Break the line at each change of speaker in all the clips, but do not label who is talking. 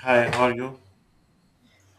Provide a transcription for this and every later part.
Hi, how are you?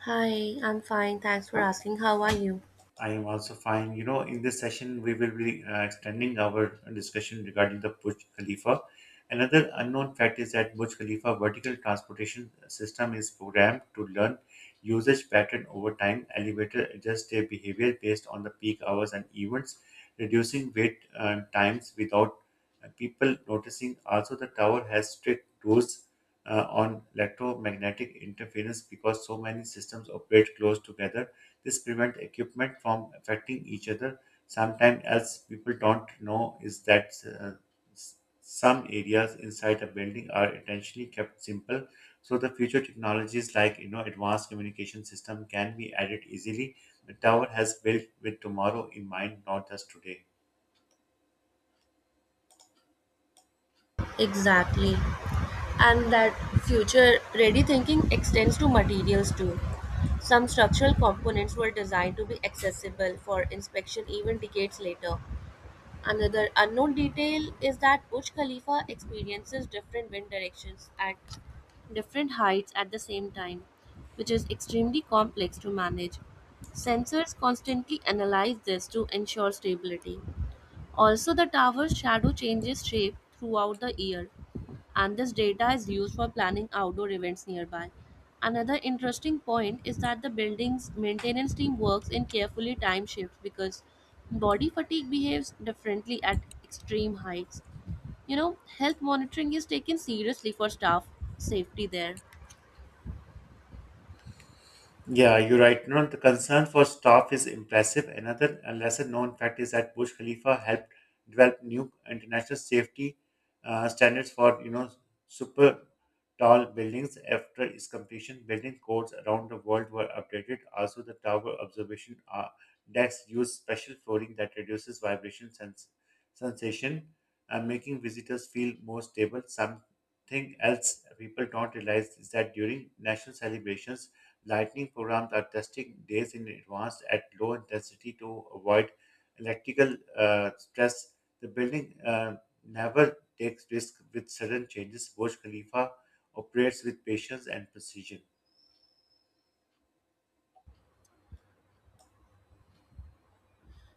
Hi, I'm fine. Thanks for asking. How are you?
I am also fine. You know, in this session, we will be extending our discussion regarding the Burj Khalifa. Another unknown fact is that Burj Khalifa vertical transportation system is programmed to learn usage pattern over time. Elevator adjust their behavior based on the peak hours and events, reducing wait times without people noticing. Also, the tower has strict rules on electromagnetic interference because so many systems operate close together. This prevents equipment from affecting each other. Sometimes else people don't know is that uh, s- some areas inside a building are intentionally kept simple so the future technologies like you know advanced communication system can be added easily. The tower has built with tomorrow in mind, not just today.
Exactly. And that future ready thinking extends to materials too. Some structural components were designed to be accessible for inspection even decades later. Another unknown detail is that Burj Khalifa experiences different wind directions at different heights at the same time, which is extremely complex to manage. Sensors constantly analyze this to ensure stability. Also, the tower's shadow changes shape throughout the year, and this data is used for planning outdoor events nearby. Another interesting point is that the building's maintenance team works in carefully timed shifts because body fatigue behaves differently at extreme heights. Health monitoring is taken seriously for staff safety there.
Yeah, you're right. No, the concern for staff is impressive. Another lesser known fact is that Burj Khalifa helped develop new international safety standards for you know super tall buildings. After its completion, building codes around the world were updated. Also, the tower observation decks use special flooring that reduces sensation, making visitors feel more stable. Something else people don't realize is that during national celebrations lightning programs are tested days in advance at low intensity to avoid electrical stress. The building never takes risks with sudden changes. Burj Khalifa operates with patience and precision.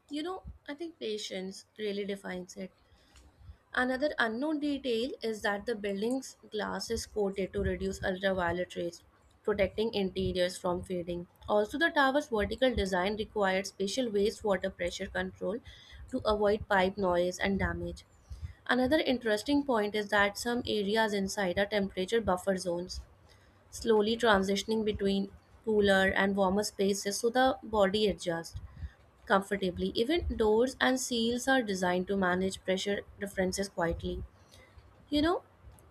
You know, I think patience really defines it. Another unknown detail is that the building's glass is coated to reduce ultraviolet rays, protecting interiors from fading. Also, the tower's vertical design required special wastewater pressure control to avoid pipe noise and damage. Another interesting point is that some areas inside are temperature buffer zones, slowly transitioning between cooler and warmer spaces so the body adjusts comfortably. Even doors and seals are designed to manage pressure differences quietly. You know,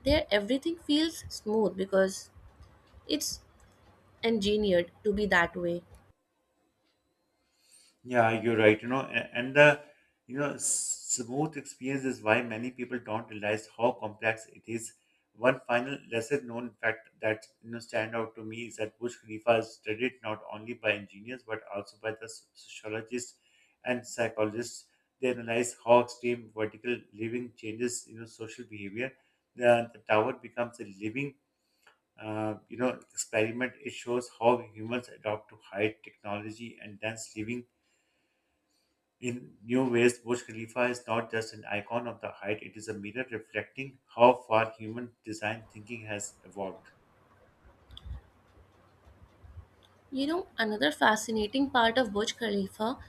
there everything feels smooth because it's engineered to be that way.
Yeah, you're right. You know, and the smooth experience is why many people don't realize how complex it is. One final lesser known fact that you know stand out to me is that Burj Khalifa is studied not only by engineers but also by the sociologists and psychologists. They analyze how extreme vertical living changes you know social behavior. The tower becomes a living experiment. It shows how humans adopt to height, technology, and dense living in new ways. Burj Khalifa is not just an icon of the height, it is a mirror reflecting how far human design thinking has evolved.
Another fascinating part of Burj Khalifa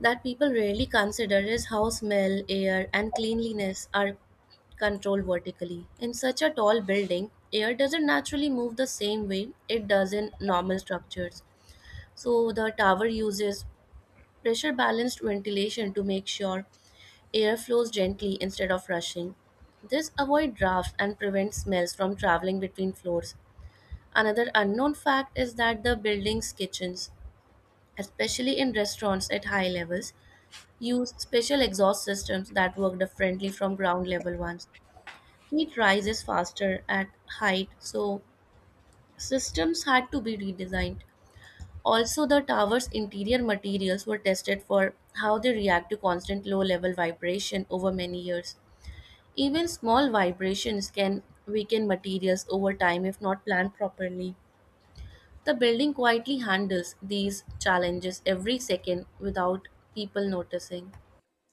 that people rarely consider is how smell, air, and cleanliness are controlled vertically. In such a tall building, air doesn't naturally move the same way it does in normal structures. So the tower uses pressure balanced ventilation to make sure air flows gently instead of rushing. This avoids drafts and prevents smells from traveling between floors. Another unknown fact is that the building's kitchens, especially in restaurants at high levels, use special exhaust systems that work differently from ground level ones. Heat rises faster at height, so systems had to be redesigned. Also, the tower's interior materials were tested for how they react to constant low level vibration over many years. Even small vibrations can weaken materials over time if not planned properly. The building quietly handles these challenges every second without people noticing.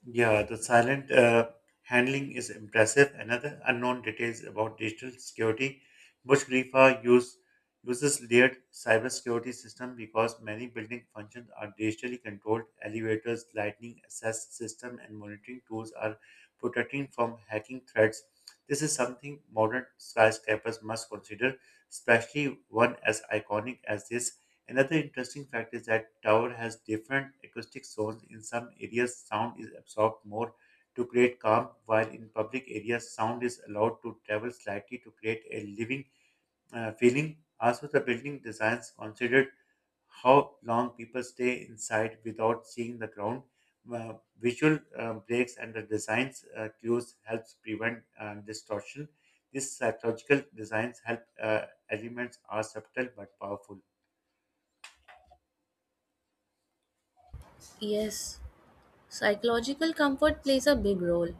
Yeah, the silent handling is impressive. Another unknown details about digital security. Burj Khalifa use, uses layered cybersecurity system because many building functions are digitally controlled. Elevators, lightning access system, and monitoring tools are protecting from hacking threats. This is something modern skyscrapers must consider, especially one as iconic as this. Another interesting fact is that tower has different acoustic zones. In some areas, sound is absorbed more to create calm, while in public areas, sound is allowed to travel slightly to create a living feeling. Also, the building designs considered how long people stay inside without seeing the ground. Visual breaks and the designs cues helps prevent distortion. These psychological designs help elements are subtle but powerful.
Yes. Psychological comfort plays a big role.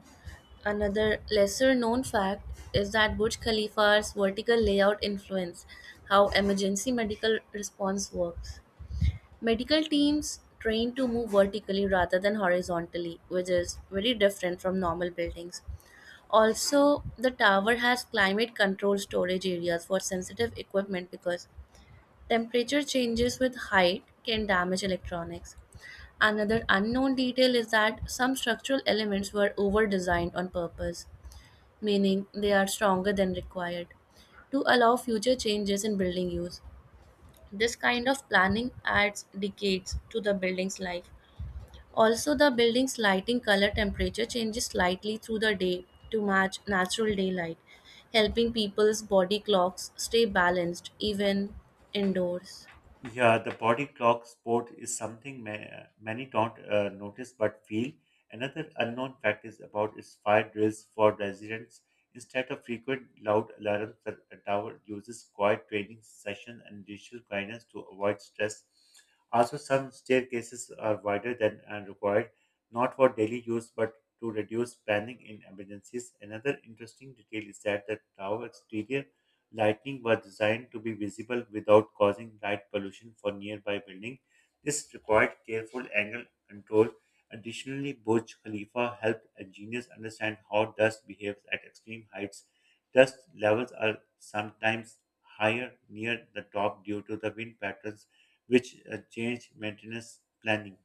Another lesser known fact is that Burj Khalifa's vertical layout influenced how emergency medical response works. Medical teams train to move vertically rather than horizontally, which is very different from normal buildings. Also, the tower has climate control storage areas for sensitive equipment because temperature changes with height can damage electronics. Another unknown detail is that some structural elements were over designed on purpose, meaning they are stronger than required, to allow future changes in building use. This kind of planning adds decades to the building's life. Also, the building's lighting color temperature changes slightly through the day to match natural daylight, helping people's body clocks stay balanced even indoors.
Yeah, the body clock sport is something many don't notice but feel. Another unknown fact is about its fire drills for residents. Instead of frequent loud alarms, the tower uses quiet training session and digital guidance to avoid stress. Also, some staircases are wider than required, not for daily use but to reduce panic in emergencies. Another interesting detail is that the tower exterior lighting was designed to be visible without causing light pollution for nearby buildings. This required careful angle control. Additionally, Burj Khalifa helped engineers understand how dust behaves at extreme heights. Dust levels are sometimes higher near the top due to the wind patterns, which change maintenance planning.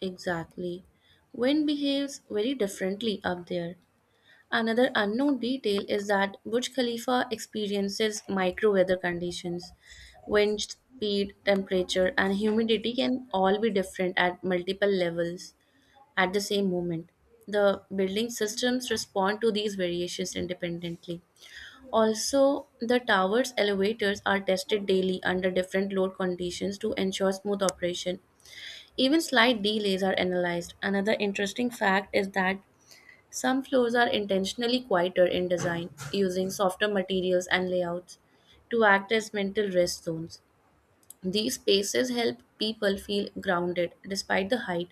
Exactly. Wind behaves very differently up there. Another unknown detail is that Burj Khalifa experiences micro weather conditions. Wind speed, temperature, and humidity can all be different at multiple levels at the same moment. The building systems respond to these variations independently. Also, the tower's elevators are tested daily under different load conditions to ensure smooth operation. Even slight delays are analyzed. Another interesting fact is that some floors are intentionally quieter in design, using softer materials and layouts to act as mental rest zones. These spaces help people feel grounded despite the height.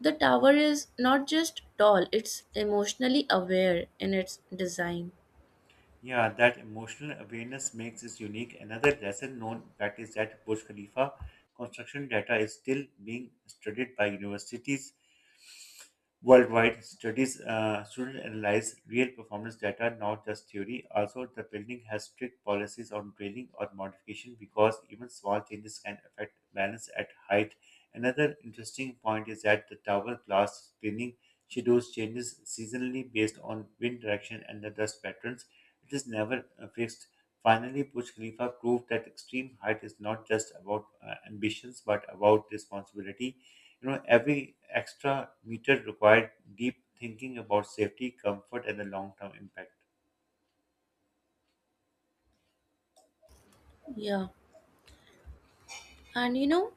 The tower is not just tall, it's emotionally aware in its design.
Yeah, that emotional awareness makes it unique. Another lesson known fact is that Burj Khalifa construction data is still being studied by universities worldwide. Studies students analyze real performance data, not just theory. Also, the building has strict policies on drilling or modification because even small changes can affect balance at height. Another interesting point is that the tower glass cleaning schedules changes seasonally based on wind direction and the dust patterns. It is never fixed. Finally, Burj Khalifa proved that extreme height is not just about ambitions but about responsibility. You know, every extra meter required deep thinking about safety, comfort, and the long term impact.
Yeah. And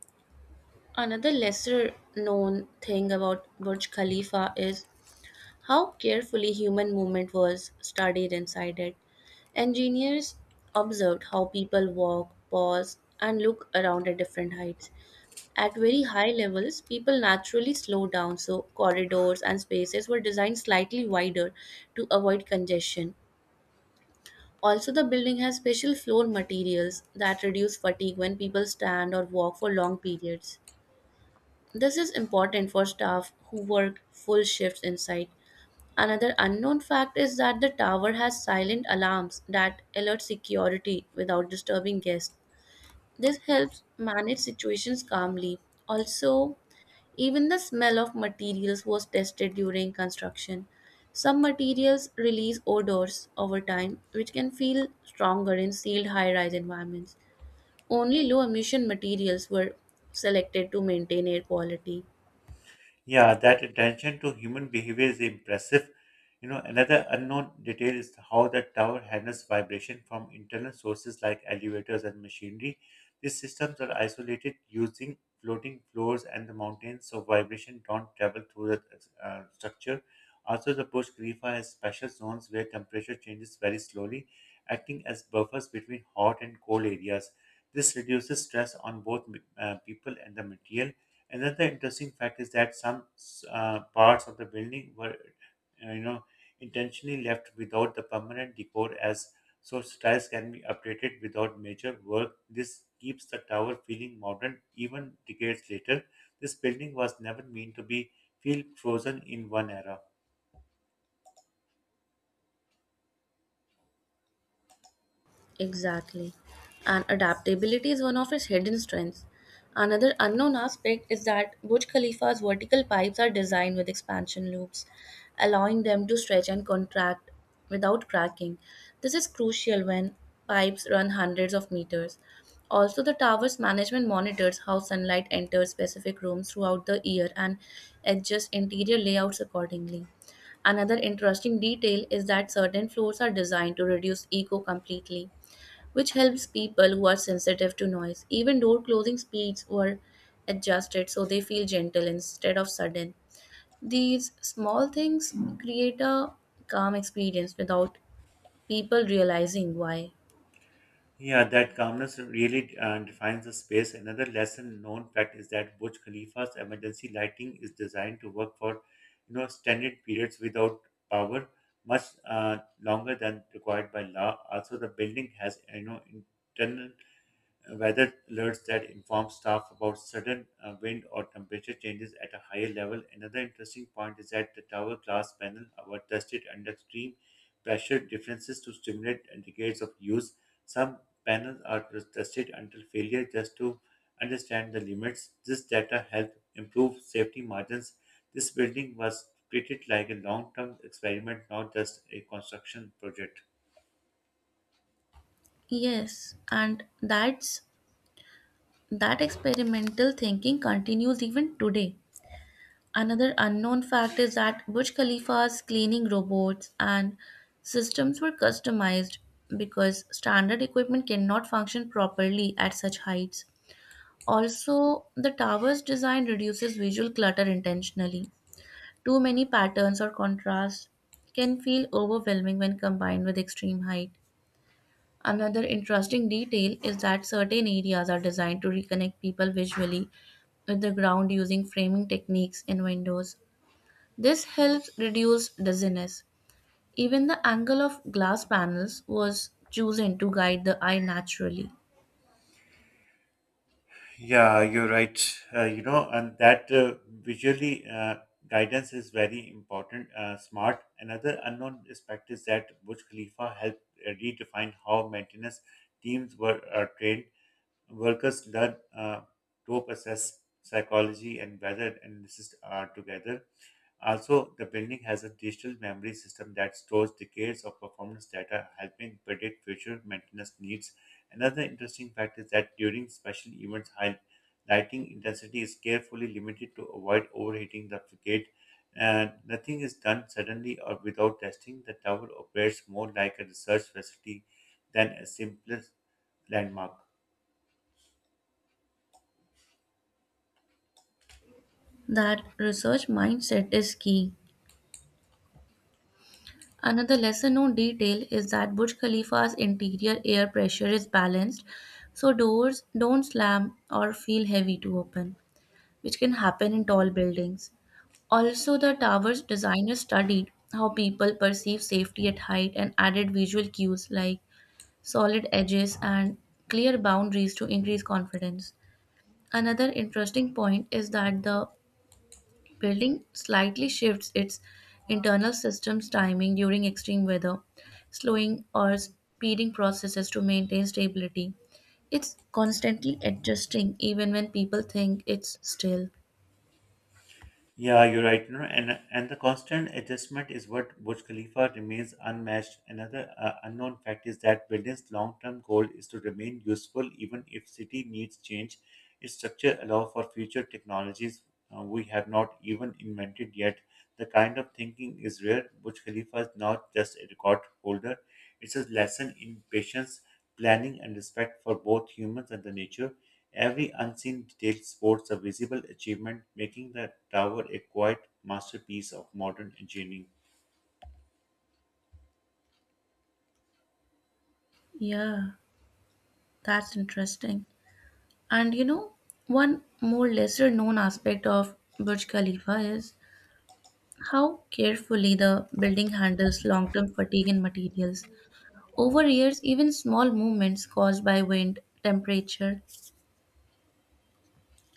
another lesser known thing about Burj Khalifa is how carefully human movement was studied inside it. Engineers observed how people walk, pause, and look around at different heights. At very high levels, people naturally slow down, so corridors and spaces were designed slightly wider to avoid congestion. Also, the building has special floor materials that reduce fatigue when people stand or walk for long periods. This is important for staff who work full shifts inside. Another unknown fact is that the tower has silent alarms that alert security without disturbing guests. This helps manage situations calmly. Also, even the smell of materials was tested during construction. Some materials release odors over time, which can feel stronger in sealed high rise environments. Only low emission materials were selected to maintain air quality.
Yeah, that attention to human behavior is impressive. You know, another unknown detail is how the tower handles vibration from internal sources like elevators and machinery. These systems are isolated using floating floors and the mountains, so vibration don't travel through the structure. Also, the Burj Khalifa has special zones where temperature changes very slowly, acting as buffers between hot and cold areas. This reduces stress on both people and the material. Another interesting fact is that some parts of the building were, uh, you know, intentionally left without the permanent decor as so styles can be updated without major work. This keeps the tower feeling modern even decades later. This building was never meant to be feel frozen in one era.
Exactly. And adaptability is one of its hidden strengths. Another unknown aspect is that Burj Khalifa's vertical pipes are designed with expansion loops, allowing them to stretch and contract without cracking. This is crucial when pipes run hundreds of meters. Also, the tower's management monitors how sunlight enters specific rooms throughout the year and adjusts interior layouts accordingly. Another interesting detail is that certain floors are designed to reduce echo completely, which helps people who are sensitive to noise. Even door closing speeds were adjusted so they feel gentle instead of sudden. These small things create a calm experience without people realizing why.
Yeah, that calmness really defines the space. Another lesson known fact is that Burj Khalifa's emergency lighting is designed to work for, you know, extended periods without power, much longer than required by law. Also, the building has, you know, internal weather alerts that inform staff about sudden wind or temperature changes at a higher level. Another interesting point is that the tower glass panel were tested under extreme pressure differences to stimulate decades of use. Some panels are tested until failure just to understand the limits. This data helped improve safety margins. This building was treated like a long-term experiment, not just a construction project.
Yes, and that experimental thinking continues even today. Another unknown fact is that Burj Khalifa's cleaning robots and systems were customized because standard equipment cannot function properly at such heights. Also, the tower's design reduces visual clutter intentionally. Too many patterns or contrasts can feel overwhelming when combined with extreme height. Another interesting detail is that certain areas are designed to reconnect people visually with the ground using framing techniques in windows. This helps reduce dizziness. Even the angle of glass panels was chosen to guide the eye naturally.
Yeah, you're right. You know, and that visually guidance is very important. Smart. Another unknown aspect is that Burj Khalifa helped redefine how maintenance teams were trained. Workers learn to assess psychology and weather analysis together. Also, the building has a digital memory system that stores decades of performance data, helping predict future maintenance needs. Another interesting fact is that during special events, high lighting intensity is carefully limited to avoid overheating the frigate. And nothing is done suddenly or without testing. The tower operates more like a research facility than a simple landmark.
That research mindset is key. Another lesser known detail is that Burj Khalifa's interior air pressure is balanced so doors don't slam or feel heavy to open, which can happen in tall buildings. Also, the tower's designers studied how people perceive safety at height and added visual cues like solid edges, and clear boundaries to increase confidence. Another interesting point is that the building slightly shifts its internal system's timing during extreme weather, slowing or speeding processes to maintain stability. It's constantly adjusting even when people think it's still.
Yeah, you're right. You know, and the constant adjustment is what Burj Khalifa remains unmatched. Another unknown fact is that building's long-term goal is to remain useful even if city needs change. Its structure allow for future technologies we have not even invented yet. The kind of thinking is rare. Burj Khalifa is not just a record holder; it's a lesson in patience, planning, and respect for both humans and the nature. Every unseen detail sports a visible achievement, making the tower a quiet masterpiece of modern engineering.
Yeah, that's interesting. And one more lesser known aspect of Burj Khalifa is how carefully the building handles long term fatigue in materials. Over years, even small movements caused by wind, temperature,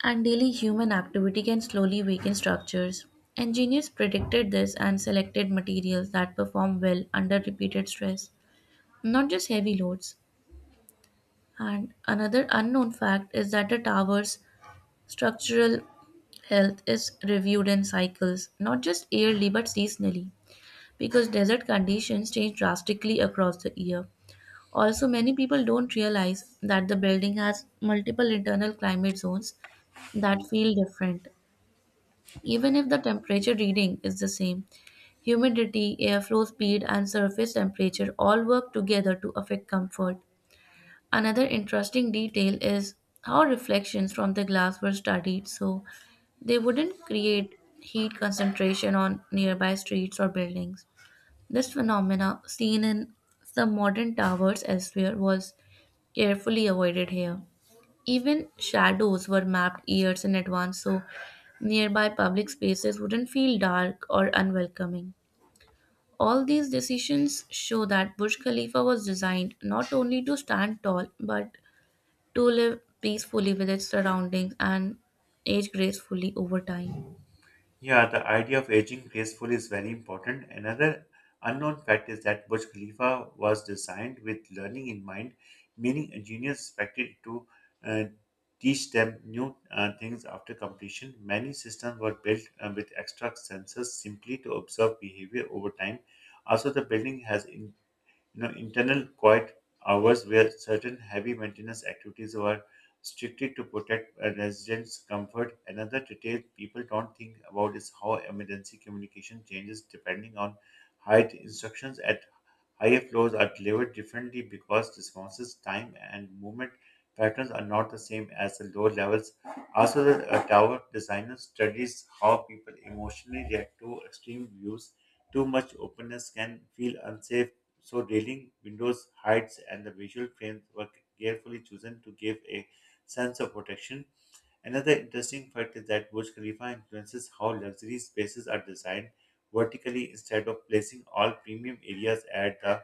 and daily human activity can slowly weaken structures. Engineers predicted this and selected materials that perform well under repeated stress, not just heavy loads. And another unknown fact is that a tower's structural health is reviewed in cycles, not just yearly but seasonally, because desert conditions change drastically across the year. Also, many people don't realize that the building has multiple internal climate zones that feel different. Even if the temperature reading is the same, humidity, airflow speed, and surface temperature all work together to affect comfort. Another interesting detail is how reflections from the glass were studied so they wouldn't create heat concentration on nearby streets or buildings. This phenomena, seen in some modern towers elsewhere, was carefully avoided here. Even shadows were mapped years in advance so nearby public spaces wouldn't feel dark or unwelcoming. All these decisions show that Burj Khalifa was designed not only to stand tall but to live peacefully with its surroundings and age gracefully over time.
Yeah, the idea of aging gracefully is very important. Another unknown fact is that Burj Khalifa was designed with learning in mind, meaning engineers expected to uh, teach them new things after completion. Many systems were built with extra sensors simply to observe behavior over time. Also, the building has in you know, internal quiet hours where certain heavy maintenance activities were strictly to protect a residents' comfort. Another detail people don't think about is how emergency communication changes depending on height. Instructions at higher floors are delivered differently because responses, time, and movement patterns are not the same as the lower levels. Also, the tower designer studies how people emotionally react to extreme views. Too much openness can feel unsafe, so railing windows heights and the visual frames were carefully chosen to give a sense of protection. Another interesting fact is that Burj Khalifa influences how luxury spaces are designed vertically instead of placing all premium areas at the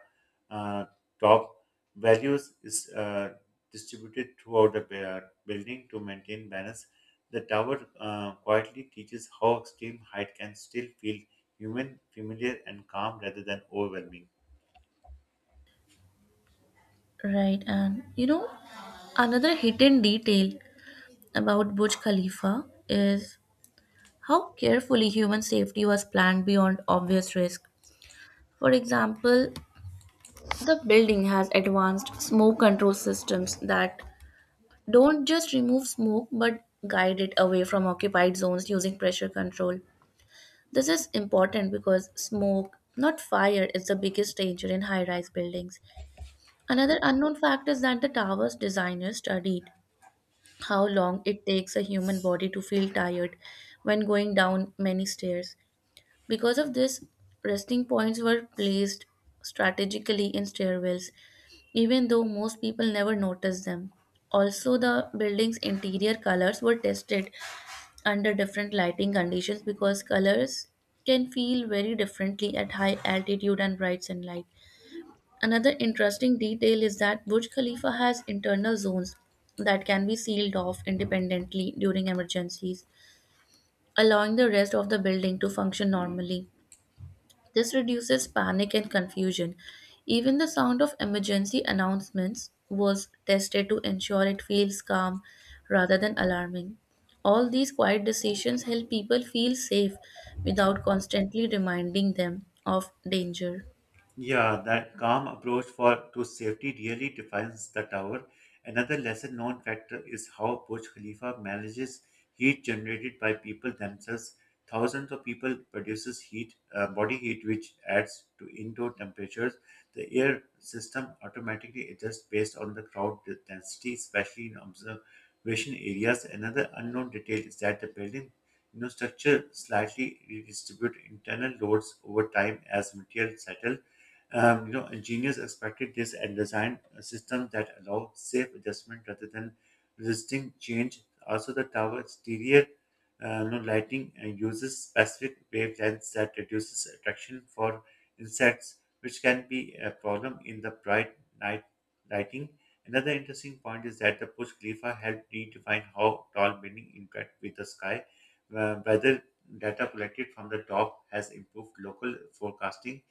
uh, top. Values is distributed throughout the building to maintain balance. The tower quietly teaches how extreme height can still feel human, familiar, and calm rather than overwhelming.
Right, and another hidden detail about Burj Khalifa is how carefully human safety was planned beyond obvious risk. For example, the building has advanced smoke control systems that don't just remove smoke but guide it away from occupied zones using pressure control. This is important because smoke, not fire, is the biggest danger in high rise buildings. Another unknown fact is that the tower's designers studied how long it takes a human body to feel tired when going down many stairs. Because of this, resting points were placed strategically in stairwells, even though most people never noticed them. Also, the building's interior colors were tested under different lighting conditions because colors can feel very differently at high altitude and bright sunlight. Another interesting detail is that Burj Khalifa has internal zones that can be sealed off independently during emergencies, allowing the rest of the building to function normally. This reduces panic and confusion. Even the sound of emergency announcements was tested to ensure it feels calm rather than alarming. All these quiet decisions help people feel safe without constantly reminding them of danger.
Yeah, that calm approach for to safety really defines the tower. Another lesser known factor is how Burj Khalifa manages heat generated by people themselves. Thousands of people produces heat, body heat, which adds to indoor temperatures. The air system automatically adjusts based on the crowd density, especially in observation areas. Another unknown detail is that the building, you know, structure slightly redistribute internal loads over time as material settle. You know, engineers expected this and designed a system that allow safe adjustment rather than resisting change. Also, the tower exterior lighting uses specific wavelengths that reduces attraction for insects, which can be a problem in the bright night lighting. Another interesting point is that the Burj Khalifa helped redefine how tall buildings interact with the sky. Whether data collected from the top has improved local forecasting,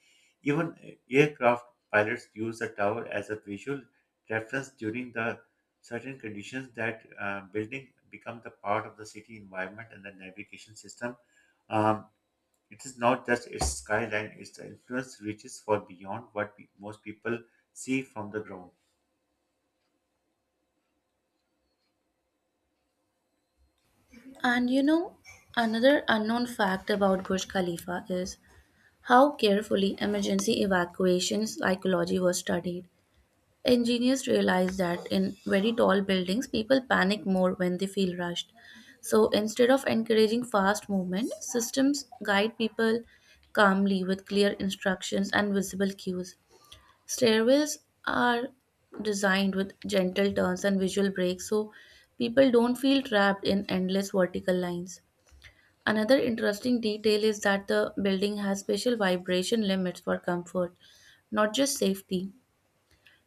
even aircraft pilots use the tower as a visual reference during the certain conditions. That building become the part of the city environment and the navigation system. Um, it is not just its skyline, its influence reaches far beyond what most people see from the ground.
And another unknown fact about Burj Khalifa is how carefully emergency evacuation psychology was studied. Engineers realized that in very tall buildings, people panic more when they feel rushed. So instead of encouraging fast movement, systems guide people calmly with clear instructions and visible cues. Stairwells are designed with gentle turns and visual breaks so people don't feel trapped in endless vertical lines. Another interesting detail is that the building has special vibration limits for comfort, not just safety.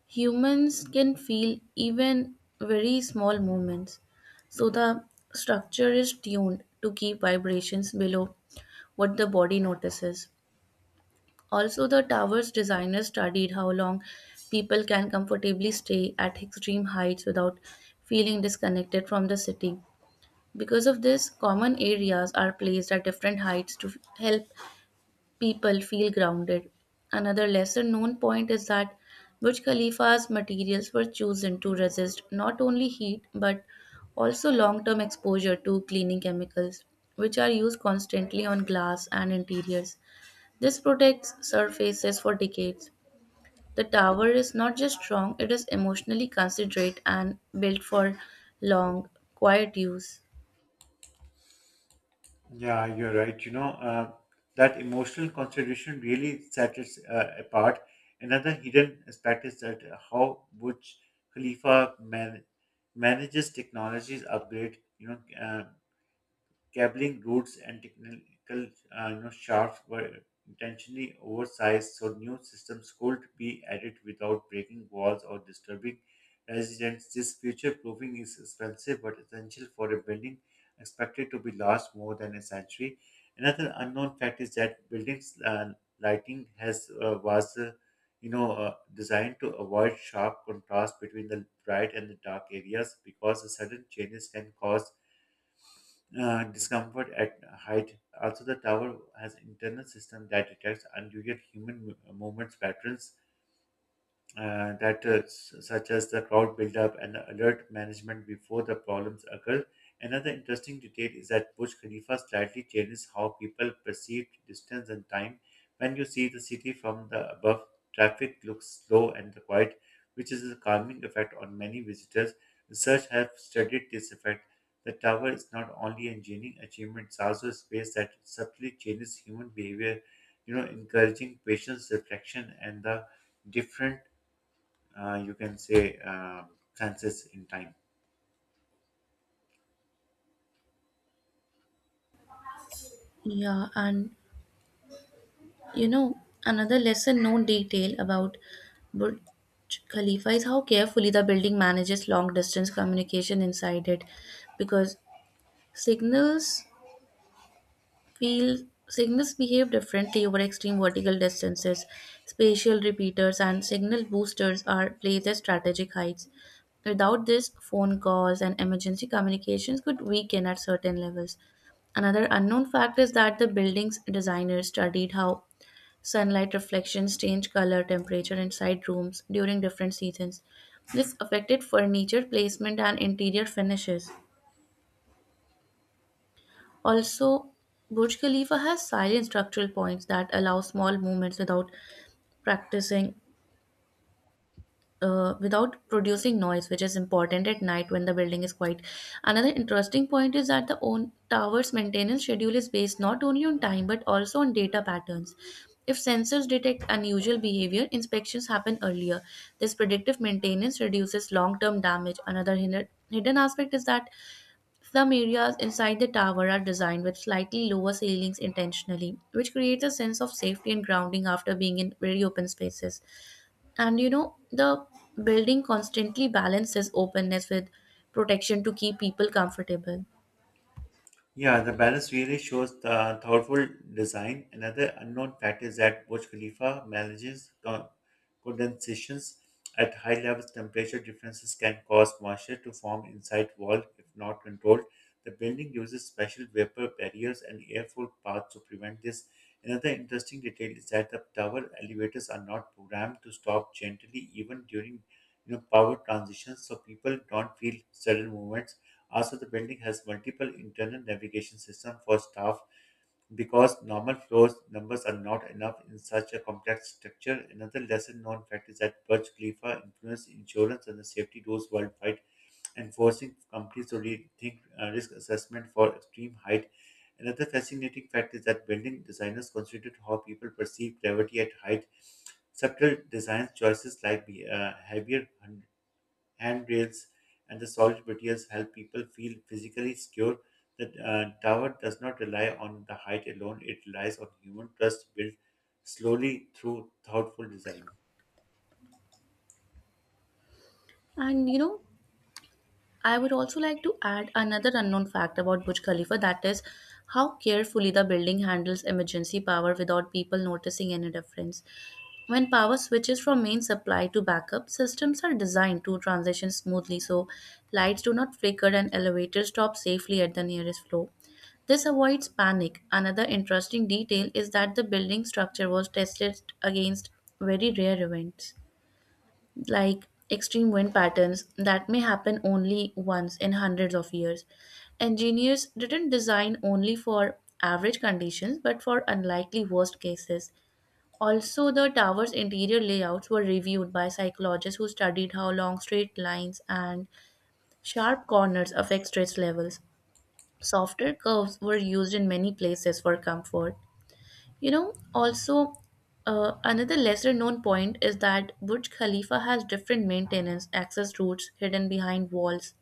Humans can feel even very small movements, so the structure is tuned to keep vibrations below what the body notices. Also, the tower's designers studied how long people can comfortably stay at extreme heights without feeling disconnected from the city. Because of this, common areas are placed at different heights to help people feel grounded. Another lesser known point is that Burj Khalifa's materials were chosen to resist not only heat but also long term exposure to cleaning chemicals, which are used constantly on glass and interiors. This protects surfaces for decades. The tower is not just strong, it is emotionally considerate and built for long, quiet use.
Yeah, you're right. That emotional consideration really set us apart. Another hidden aspect is that how Burj Khalifa manages technologies upgrade. Cabling routes and technical shafts were intentionally oversized so new systems could be added without breaking walls or disturbing residents. This future proofing is expensive but essential for a building expected to be last more than a century. Another unknown fact is that buildings lighting has was you know designed to avoid sharp contrast between the bright and the dark areas because the sudden changes can cause discomfort at height. Also, the tower has internal system that detects unusual human movements patterns that such as the crowd buildup and the alert management before the problems occur. Another interesting detail is that Burj Khalifa slightly changes how people perceive distance and time. When you see the city from the above, traffic looks slow and quiet, which is a calming effect on many visitors. Research have studied this effect. The tower is not only an engineering achievement, it's also a space that subtly changes human behavior, you know, encouraging patience, reflection, and the different uh, you can say, uh, chances in time.
Yeah, and You know, another lesson known detail about Burj Khalifa is how carefully the building manages long distance communication inside it because signals feel signals behave differently over extreme vertical distances. Spatial repeaters and signal boosters are placed at strategic heights. Without this, phone calls and emergency communications could weaken at certain levels. Another unknown fact is that the building's designers studied how sunlight reflections change color, temperature inside rooms during different seasons. This affected furniture placement and interior finishes. Also, Burj Khalifa has silent structural points that allow small movements practicing without producing noise, which is important at night when the building is quiet. Another interesting point is that the own tower's maintenance schedule is based not only on time but also on data patterns. If sensors detect unusual behavior, inspections happen earlier. This predictive maintenance reduces long term damage. Another hidden aspect is that some areas inside the tower are designed with slightly lower ceilings intentionally, which creates a sense of safety and grounding after being in very open spaces. And the building constantly balances openness with protection to keep people comfortable.
Yeah, the balance really shows the thoughtful design. Another unknown fact is that Burj Khalifa manages condensations at high levels. Temperature differences can cause moisture to form inside wall if not controlled. The building uses special vapor barriers and airflow paths to prevent this. Another interesting detail is that the tower elevators are not programmed to stop gently even during you know, power transitions, so people don't feel sudden movements. Also, the building has multiple internal navigation systems for staff because normal floors numbers are not enough in such a complex structure. Another lesser known fact is that Burj Khalifa influenced insurance and the safety rules worldwide and forcing companies to rethink risk assessment for extreme height. Another fascinating fact is that building designers considered how people perceive gravity at height. Subtle design choices like heavier handrails, and the solid materials help people feel physically secure. The tower does not rely on the height alone, it relies on human trust built slowly through thoughtful design.
And I would also like to add another unknown fact about Burj Khalifa that is how carefully the building handles emergency power without people noticing any difference. When power switches from main supply to backup, systems are designed to transition smoothly so lights do not flicker and elevators stop safely at the nearest floor. This avoids panic. Another interesting detail is that the building structure was tested against very rare events like extreme wind patterns that may happen only once in hundreds of years. Engineers didn't design only for average conditions but for unlikely worst cases. Also, the tower's interior layouts were reviewed by psychologists who studied how long straight lines and sharp corners affect stress levels. Softer curves were used in many places for comfort. Also, another lesser known point is that Burj Khalifa has different maintenance access routes hidden behind walls,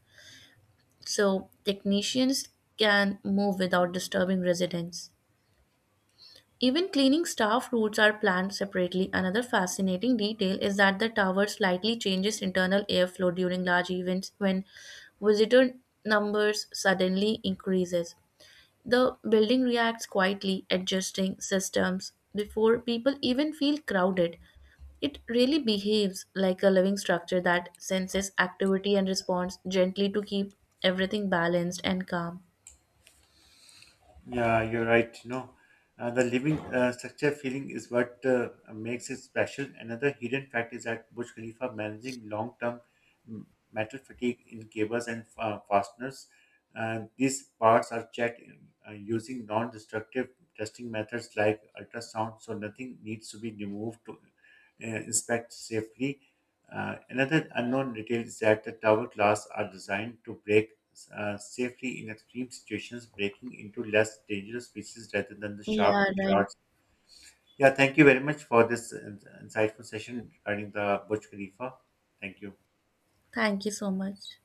so technicians can move without disturbing residents. Even cleaning staff routes are planned separately. Another fascinating detail is that the tower slightly changes internal airflow during large events when visitor numbers suddenly increases. The building reacts quietly, adjusting systems before people even feel crowded. It really behaves like a living structure that senses activity and responds gently to keep everything balanced and calm.
Yeah, you're right. The living structure feeling is what makes it special. Another hidden fact is that Burj Khalifa managing long-term m- metal fatigue in cables and fasteners. These parts are checked using non-destructive testing methods like ultrasound, so nothing needs to be removed to inspect safely. Another unknown detail is that the tower glass are designed to break safely in extreme situations, breaking into less dangerous pieces rather than the sharp
Yeah, right.
shards. Yeah, thank you very much for this insightful session regarding the Burj Khalifa. Thank you.
Thank you so much.